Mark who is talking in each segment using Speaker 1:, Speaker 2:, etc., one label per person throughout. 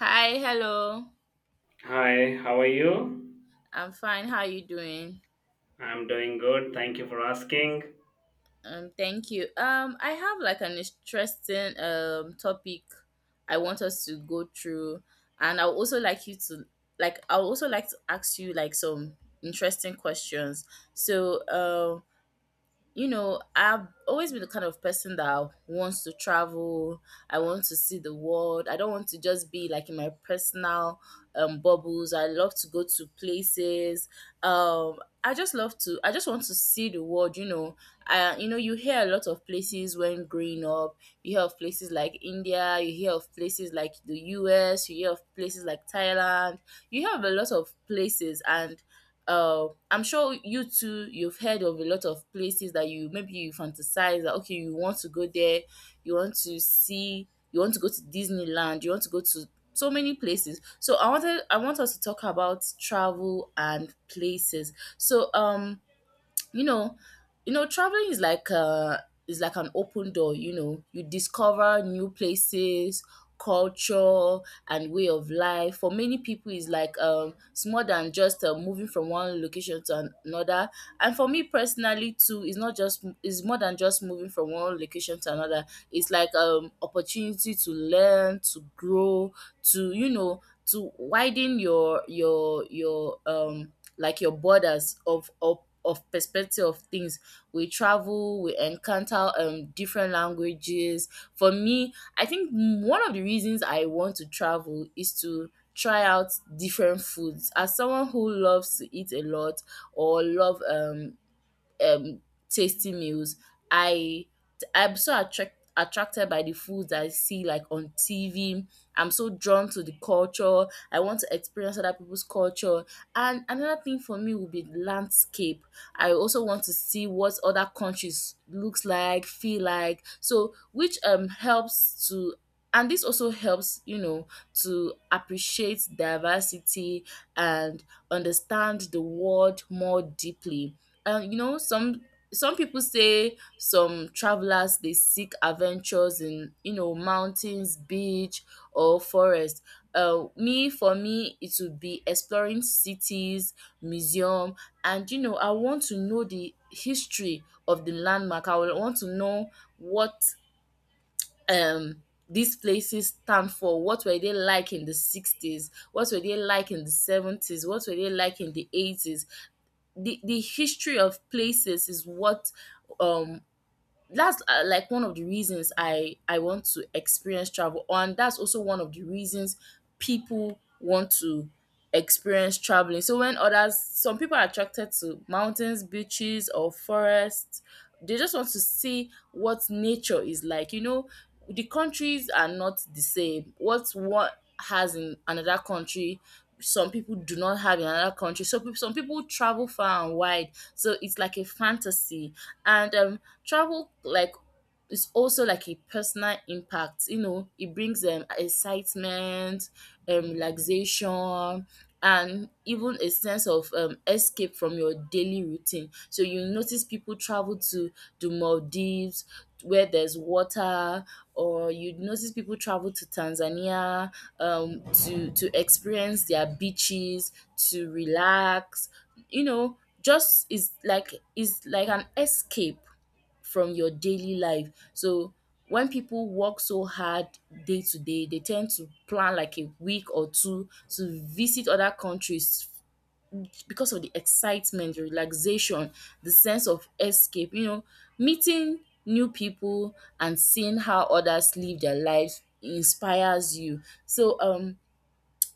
Speaker 1: Hi, hello.
Speaker 2: Hi, how are you?
Speaker 1: I'm fine. How are you doing?
Speaker 2: I'm doing good. Thank you for asking.
Speaker 1: Thank you. I have like an interesting topic I want us to go through, and I would also like to ask you like some interesting questions. So um you know, I've always been the kind of person that wants to travel. I want to see the world. I don't want to just be like in my personal bubbles. I love to go to places. Um, I just love to. I just want to see the world. You know, I you know you hear a lot of places when growing up. You hear of places like India. You hear of places like the U.S. You hear of places like Thailand. You hear of a lot of places, and I'm sure you too, you've heard of a lot of places that you maybe you fantasize that okay, you want to go there, you want to see, you want to go to Disneyland, you want to go to so many places. So I want us to talk about travel and places. So you know traveling is like an open door, you know, you discover new places, culture, and way of life. For many people, is like it's more than just moving from one location to another, and for me personally too, it's not just, it's more than just moving from one location to another. It's like opportunity to learn, to grow, to, you know, to widen your like your borders of perspective of things. We travel, we encounter different languages. For me, I think one of the reasons I want to travel is to try out different foods. As someone who loves to eat a lot, or love um tasty meals. I I'm so attracted by the foods that I see like on TV. I'm so drawn to the culture. I want to experience other people's culture. And another thing for me would be landscape. I also want to see what other countries looks like, feel like. So which helps to, and this also helps, you know, to appreciate diversity and understand the world more deeply. You know, some people say some travelers they seek adventures in, you know, mountains, beach, or forest. Me, for me it would be exploring cities, museum, and you know, I want to know the history of the landmark. I will want to know what um these places stand for, what were they like in the 60s, what were they like in the 70s, what were they like in the 80s. The history of places is what um that's like one of the reasons I want to experience travel, and that's also one of the reasons people want to experience traveling. So when others some people are attracted to mountains, beaches, or forests. They just want to see what nature is like. You know, the countries are not the same. What one has in another country, some people do not have in another country. So some people travel far and wide. So it's like a fantasy. And travel like it's also like a personal impact, you know, it brings excitement, relaxation, and even a sense of escape from your daily routine. So you notice people travel to the Maldives where there's water, or you notice people travel to Tanzania, to experience their beaches, to relax. You know, just is like, is like an escape from your daily life. So when people work so hard day to day, they tend to plan like a week or two to visit other countries because of the excitement, the relaxation, the sense of escape, you know, meeting new people and seeing how others live their lives inspires you. So um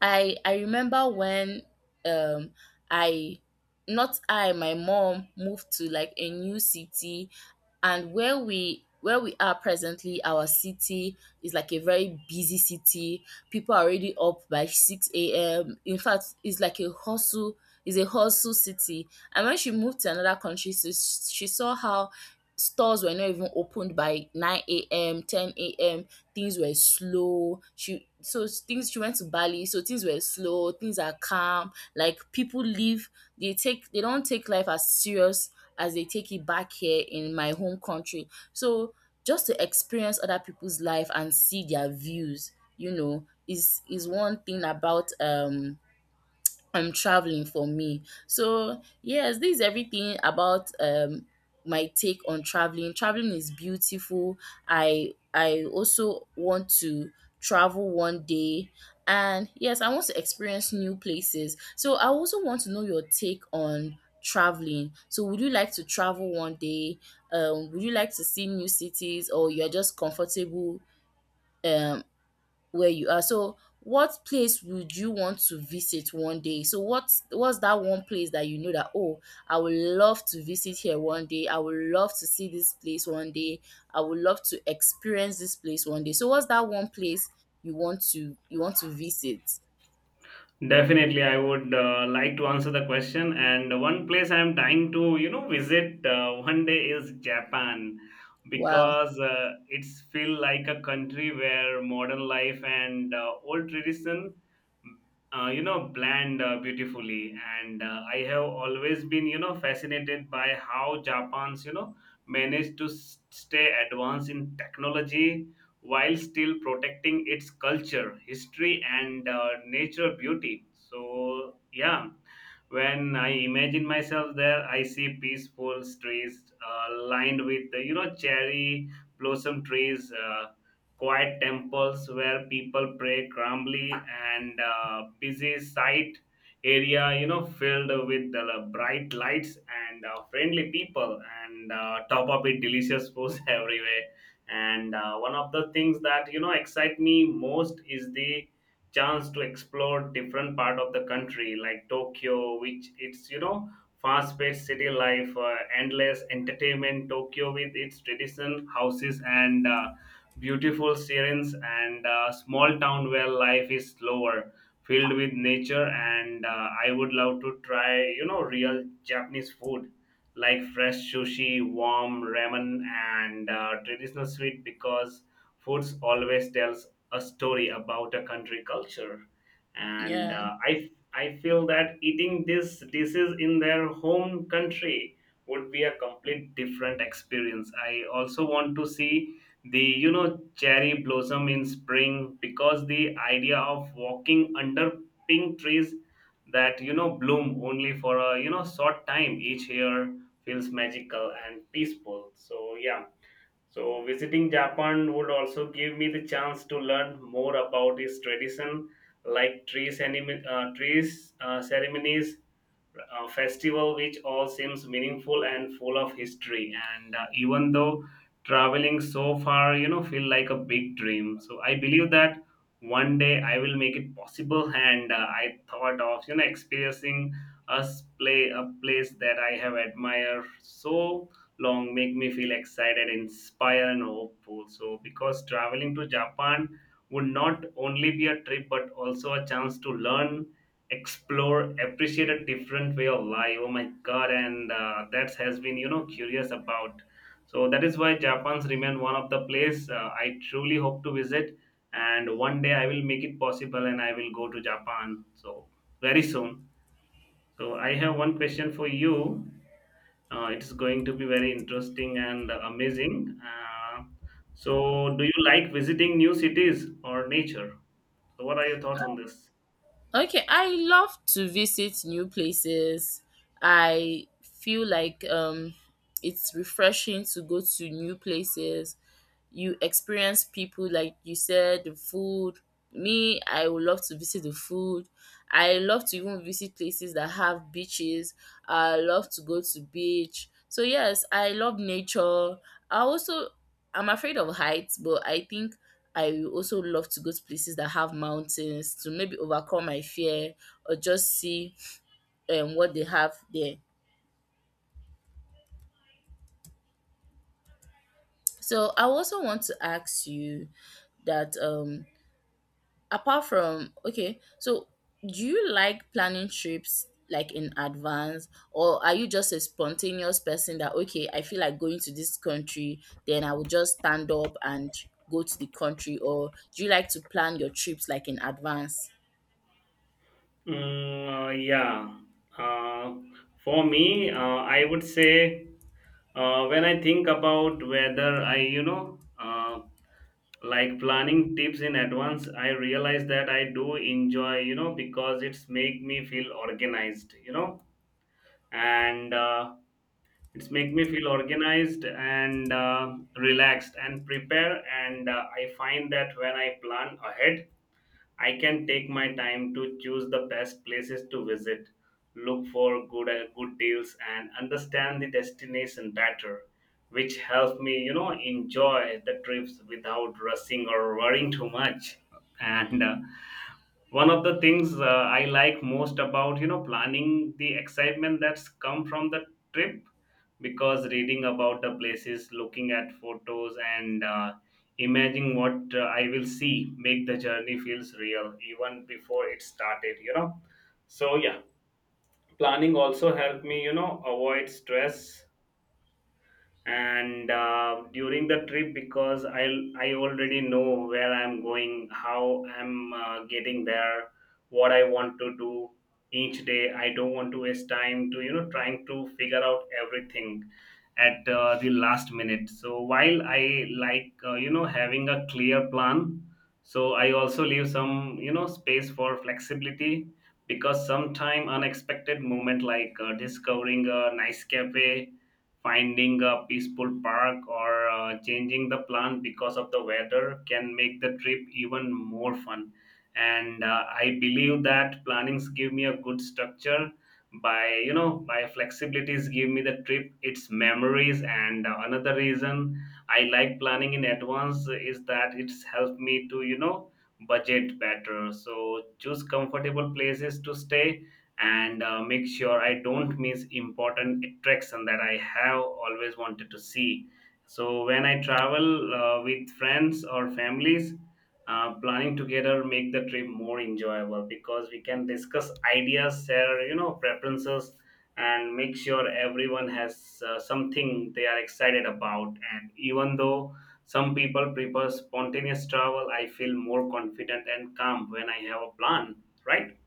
Speaker 1: I I remember when um I not I my mom moved to like a new city, and where we are presently, our city is like a very busy city. People are already up by 6 a.m. In fact, it's like a hustle, it's a hustle city. And when she moved to another country, she saw how stores were not even opened by 9 a.m, 10 a.m. Things were slow. She went to Bali, so things were slow, things are calm. Like people live, they don't take life as serious as they take it back here in my home country. So just to experience other people's life and see their views, you know, is one thing about I'm traveling for me. So yes, this is everything about my take on traveling. Traveling is beautiful. I also want to travel one day, and yes, I want to experience new places. So I also want to know your take on traveling. So would you like to travel one day? Would you like to see new cities, or you're just comfortable um where you are. So, what place would you want to visit one day? So, what's that one place that you know that oh, I would love to visit here one day. I would love to see this place one day. I would love to experience this place one day. So, what's that one place you want to visit?
Speaker 2: Definitely, I would like to answer the question. And one place I'm dying to, visit one day is Japan
Speaker 1: Wow.
Speaker 2: because it's feel like a country where modern life and old tradition, blend beautifully. And I have always been, fascinated by how Japan's, managed to stay advanced in technology while still protecting its culture, history, and natural beauty. So, yeah, when I imagine myself there, I see peaceful streets lined with, cherry blossom trees, quiet temples where people pray calmly, and busy site area, filled with the bright lights and friendly people, and top up it, delicious foods everywhere and one of the things that excite me most is the chance to explore different part of the country like Tokyo which it's fast paced city life endless entertainment Tokyo with its tradition houses and beautiful sirens and small town where life is slower filled with nature and I would love to try real Japanese food like fresh sushi, warm ramen, and traditional sweet because foods always tells a story about a country culture. And
Speaker 1: Yeah.
Speaker 2: I feel that eating these dishes in their home country would be a complete different experience. I also want to see the cherry blossom in spring because the idea of walking under pink trees that bloom only for a short time each year feels magical and peaceful. So, yeah. So, visiting Japan would also give me the chance to learn more about its tradition, like trees, trees ceremonies, a festival which all seems meaningful and full of history and even though traveling so far feel like a big dream, so I believe that one day I will make it possible. And I thought of experiencing a play a place that I have admired so long make me feel excited, inspired, and hopeful. So because traveling to Japan would not only be a trip but also a chance to learn, explore, appreciate a different way of life. Oh my god. And that has been, curious about. So that is why Japan's remain one of the place I truly hope to visit, and one day I will make it possible and I will go to Japan so very soon. So I have one question for you. It's going to be very interesting and amazing. So do you like visiting new cities or nature? So what are your thoughts on this?
Speaker 1: Okay, I love to visit new places. I feel like it's refreshing to go to new places. You experience people, like you said, the food. Me, I would love to visit the food. I love to even visit places that have beaches. I love to go to beach. So yes, I love nature. I also, I'm afraid of heights, but I think I will also love to go to places that have mountains to maybe overcome my fear, or just see what they have there. So I also want to ask you that Apart from okay, so do you like planning trips like in advance, or are you just a spontaneous person that okay, I feel like going to this country, then I will just stand up and go to the country, or do you like to plan your trips like in advance?
Speaker 2: Yeah. Uh, for me, I would say when I think about whether I, like planning tips in advance, I realize that I do enjoy, because it's make me feel organized, and it's make me feel organized and relaxed and prepare. And I find that when I plan ahead I can take my time to choose the best places to visit, look for good deals, and understand the destination better, which helps me, enjoy the trips without rushing or worrying too much. And one of the things I like most about planning the excitement that's come from the trip, because reading about the places, looking at photos, and imagining what I will see make the journey feels real even before it started, So yeah, planning also helped me, avoid stress and during the trip, because I already know where I'm going, how I'm getting there, what I want to do each day. I don't want to waste time to trying to figure out everything at the last minute. So while I like, having a clear plan, so I also leave some, space for flexibility, because sometime unexpected moment like discovering a nice cafe, finding a peaceful park, or changing the plan because of the weather can make the trip even more fun. And I believe that plannings give me a good structure by, my flexibilities give me the trip its memories. And another reason I like planning in advance is that it's helped me to, budget better, so choose comfortable places to stay, and make sure I don't miss important attraction that I have always wanted to see. So when I travel with friends or families, planning together make the trip more enjoyable because we can discuss ideas, share, preferences, and make sure everyone has something they are excited about. And even though some people prefer spontaneous travel, I feel more confident and calm when I have a plan, right?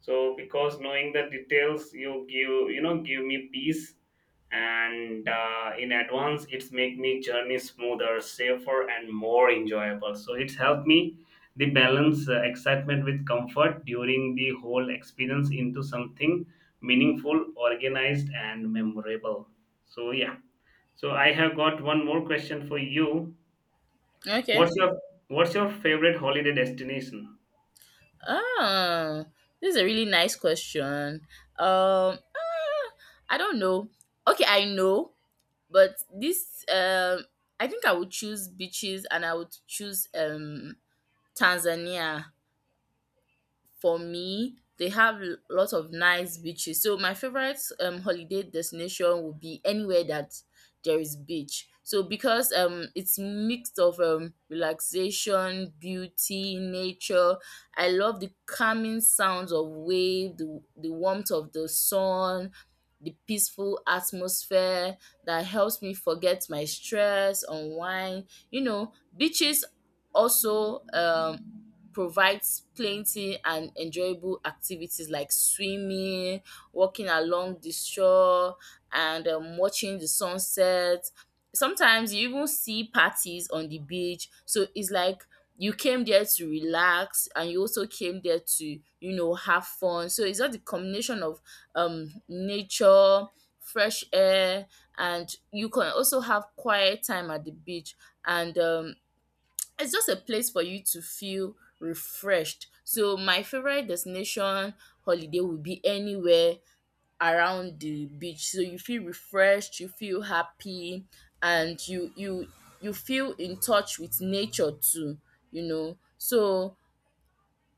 Speaker 2: So because knowing the details you give, give me peace. And in advance, it's make me journey smoother, safer, and more enjoyable, so it's helped me the balance excitement with comfort during the whole experience into something meaningful, organized, and memorable. So yeah, so I have got one more question for you. What's
Speaker 1: Okay.
Speaker 2: your what's your favorite holiday destination?
Speaker 1: Oh, this is a really nice question. Ah, I don't know. Okay, I know, but this I think I would choose beaches, and I would choose Tanzania. For me, they have lots of nice beaches. So my favorite holiday destination would be anywhere that there is beach. So because it's mixed of relaxation, beauty, nature. I love the calming sounds of wave, the warmth of the sun, the peaceful atmosphere that helps me forget my stress, unwind. You know, beaches also provides plenty and enjoyable activities like swimming, walking along the shore, and watching the sunset. Sometimes you even see parties on the beach. So it's like you came there to relax, and you also came there to, you know, have fun. So it's just the combination of nature, fresh air, and you can also have quiet time at the beach. And it's just a place for you to feel refreshed. So my favorite destination holiday would be anywhere around the beach. So you feel refreshed, you feel happy, and you feel in touch with nature too, you know. So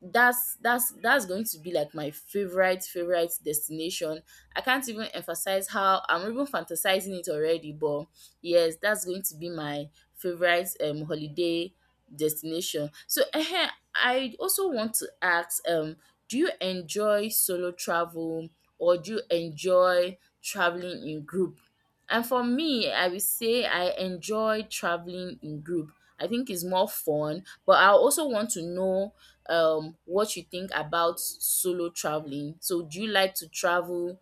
Speaker 1: that's that's going to be like my favorite destination. I can't even emphasize how I'm even fantasizing it already, but yes, that's going to be my favorite holiday destination. So ehen, I also want to ask, do you enjoy solo travel, or do you enjoy traveling in group? And for me, I will say I enjoy traveling in group. I think it's more fun, but I also want to know what you think about solo traveling. So do you like to travel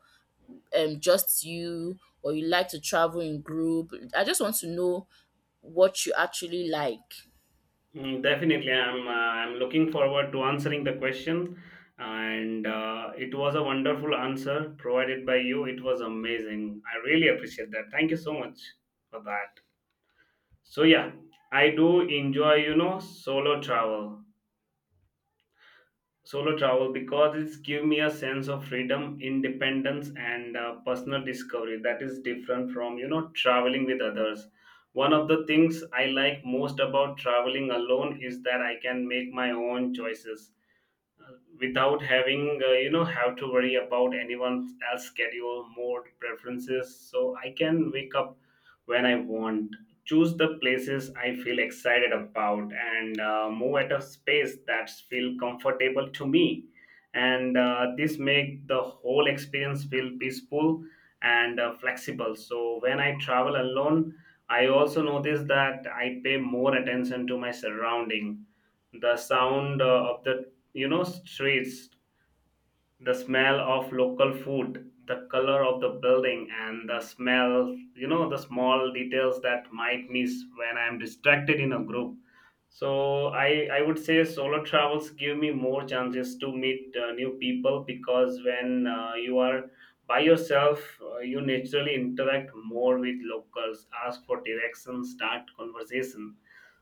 Speaker 1: just you, or you like to travel in group? I just want to know what you actually like.
Speaker 2: Definitely, I'm looking forward to answering the question, and it was a wonderful answer provided by you. It was amazing. I really appreciate that. Thank you so much for that. So yeah, I do enjoy, solo travel because it's give me a sense of freedom, independence, and personal discovery that is different from traveling with others. One of the things I like most about traveling alone is that I can make my own choices without having, have to worry about anyone else schedule mode preferences. So I can wake up when I want, choose the places I feel excited about, and move at a space that feel comfortable to me. And this make the whole experience feel peaceful and flexible. So when I travel alone, I also notice that I pay more attention to my surrounding, the sound of the streets, the smell of local food, the color of the building, and the smell, the small details that might miss when I'm distracted in a group. So I would say solo travels give me more chances to meet new people, because when you are by yourself, you naturally interact more with locals, ask for directions, start conversation.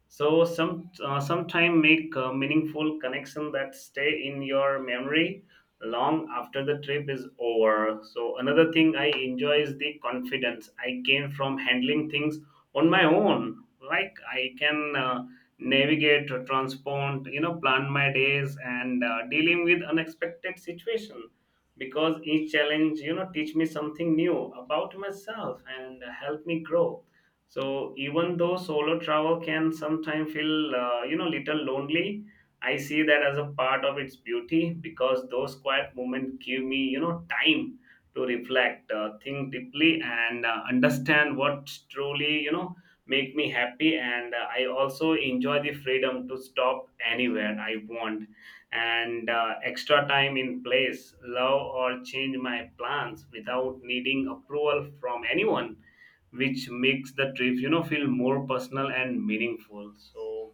Speaker 2: So sometime make a meaningful connection that stay in your memory long after the trip is over. So another thing I enjoy is the confidence I gain from handling things on my own. Like I can navigate transport, plan my days, and dealing with unexpected situation, because each challenge, teach me something new about myself and help me grow. So even though solo travel can sometimes feel, little lonely, I see that as a part of its beauty, because those quiet moments give me, time to reflect, think deeply, and understand what truly, make me happy. And I also enjoy the freedom to stop anywhere I want and extra time in place love, or change my plans without needing approval from anyone, which makes the trip, feel more personal and meaningful. So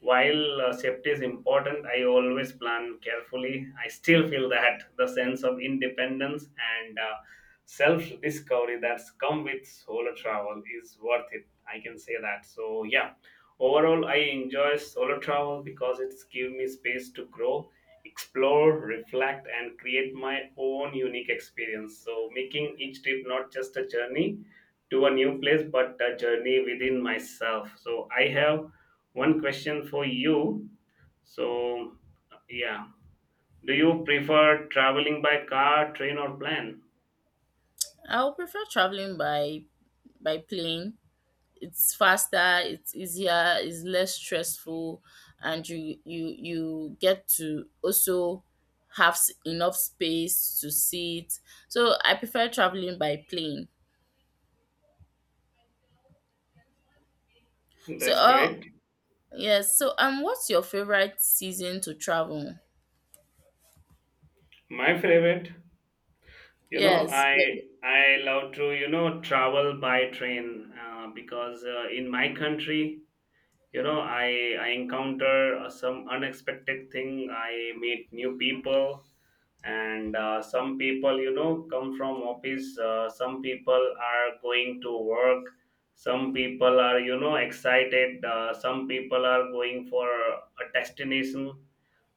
Speaker 2: while safety is important, I always plan carefully. I still feel that the sense of independence and self discovery that's come with solo travel is worth it, I can say that. So yeah, overall I enjoy solo travel because it's give me space to grow, explore, reflect, and create my own unique experience, so making each trip not just a journey to a new place but a journey within myself. So I have one question for you. So yeah, do you prefer traveling by car, train, or plane?
Speaker 1: I would prefer traveling by plane. It's faster, it's easier, it's less stressful, and you get to also have enough space to sit. So I prefer traveling by plane. So
Speaker 2: That's
Speaker 1: oh
Speaker 2: great.
Speaker 1: yes. So what's your favorite season to travel?
Speaker 2: My favorite, you know
Speaker 1: Yes.
Speaker 2: i I love to travel by train, because in my country, you know i I encounter some unexpected thing, I meet new people, and some people, come from office, some people are going to work, some people are, excited, some people are going for a destination.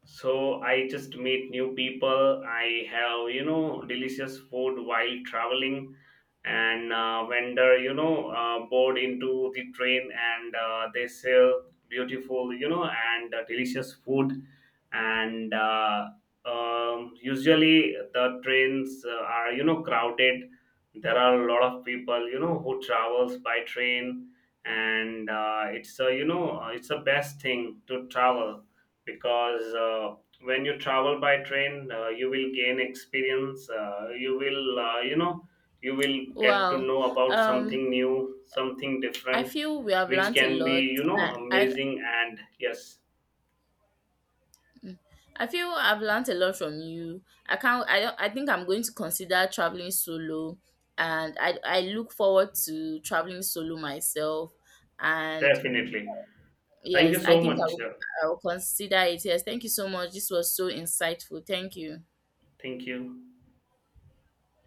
Speaker 2: So I just meet new people. I have, delicious food while traveling. And vendor, board into the train, and they sell beautiful, and delicious food. And usually the trains are, crowded. There are a lot of people, who travels by train. And it's a, it's the best thing to travel because when you travel by train, you will gain experience, you will, you will get to
Speaker 1: Wow.
Speaker 2: know about
Speaker 1: Um,
Speaker 2: something new, something
Speaker 1: I
Speaker 2: different,
Speaker 1: feel we have
Speaker 2: which
Speaker 1: learned a
Speaker 2: can be,
Speaker 1: lot. I, I
Speaker 2: amazing. And yes,
Speaker 1: I feel I've learned a lot from you. I can't. I don't. I think I'm going to consider traveling solo, and I look forward to traveling solo myself. And
Speaker 2: definitely. Thank
Speaker 1: yes,
Speaker 2: you
Speaker 1: I
Speaker 2: so
Speaker 1: think
Speaker 2: much.
Speaker 1: I will consider it. Yes, thank you so much. This was so insightful. Thank you.
Speaker 2: Thank you.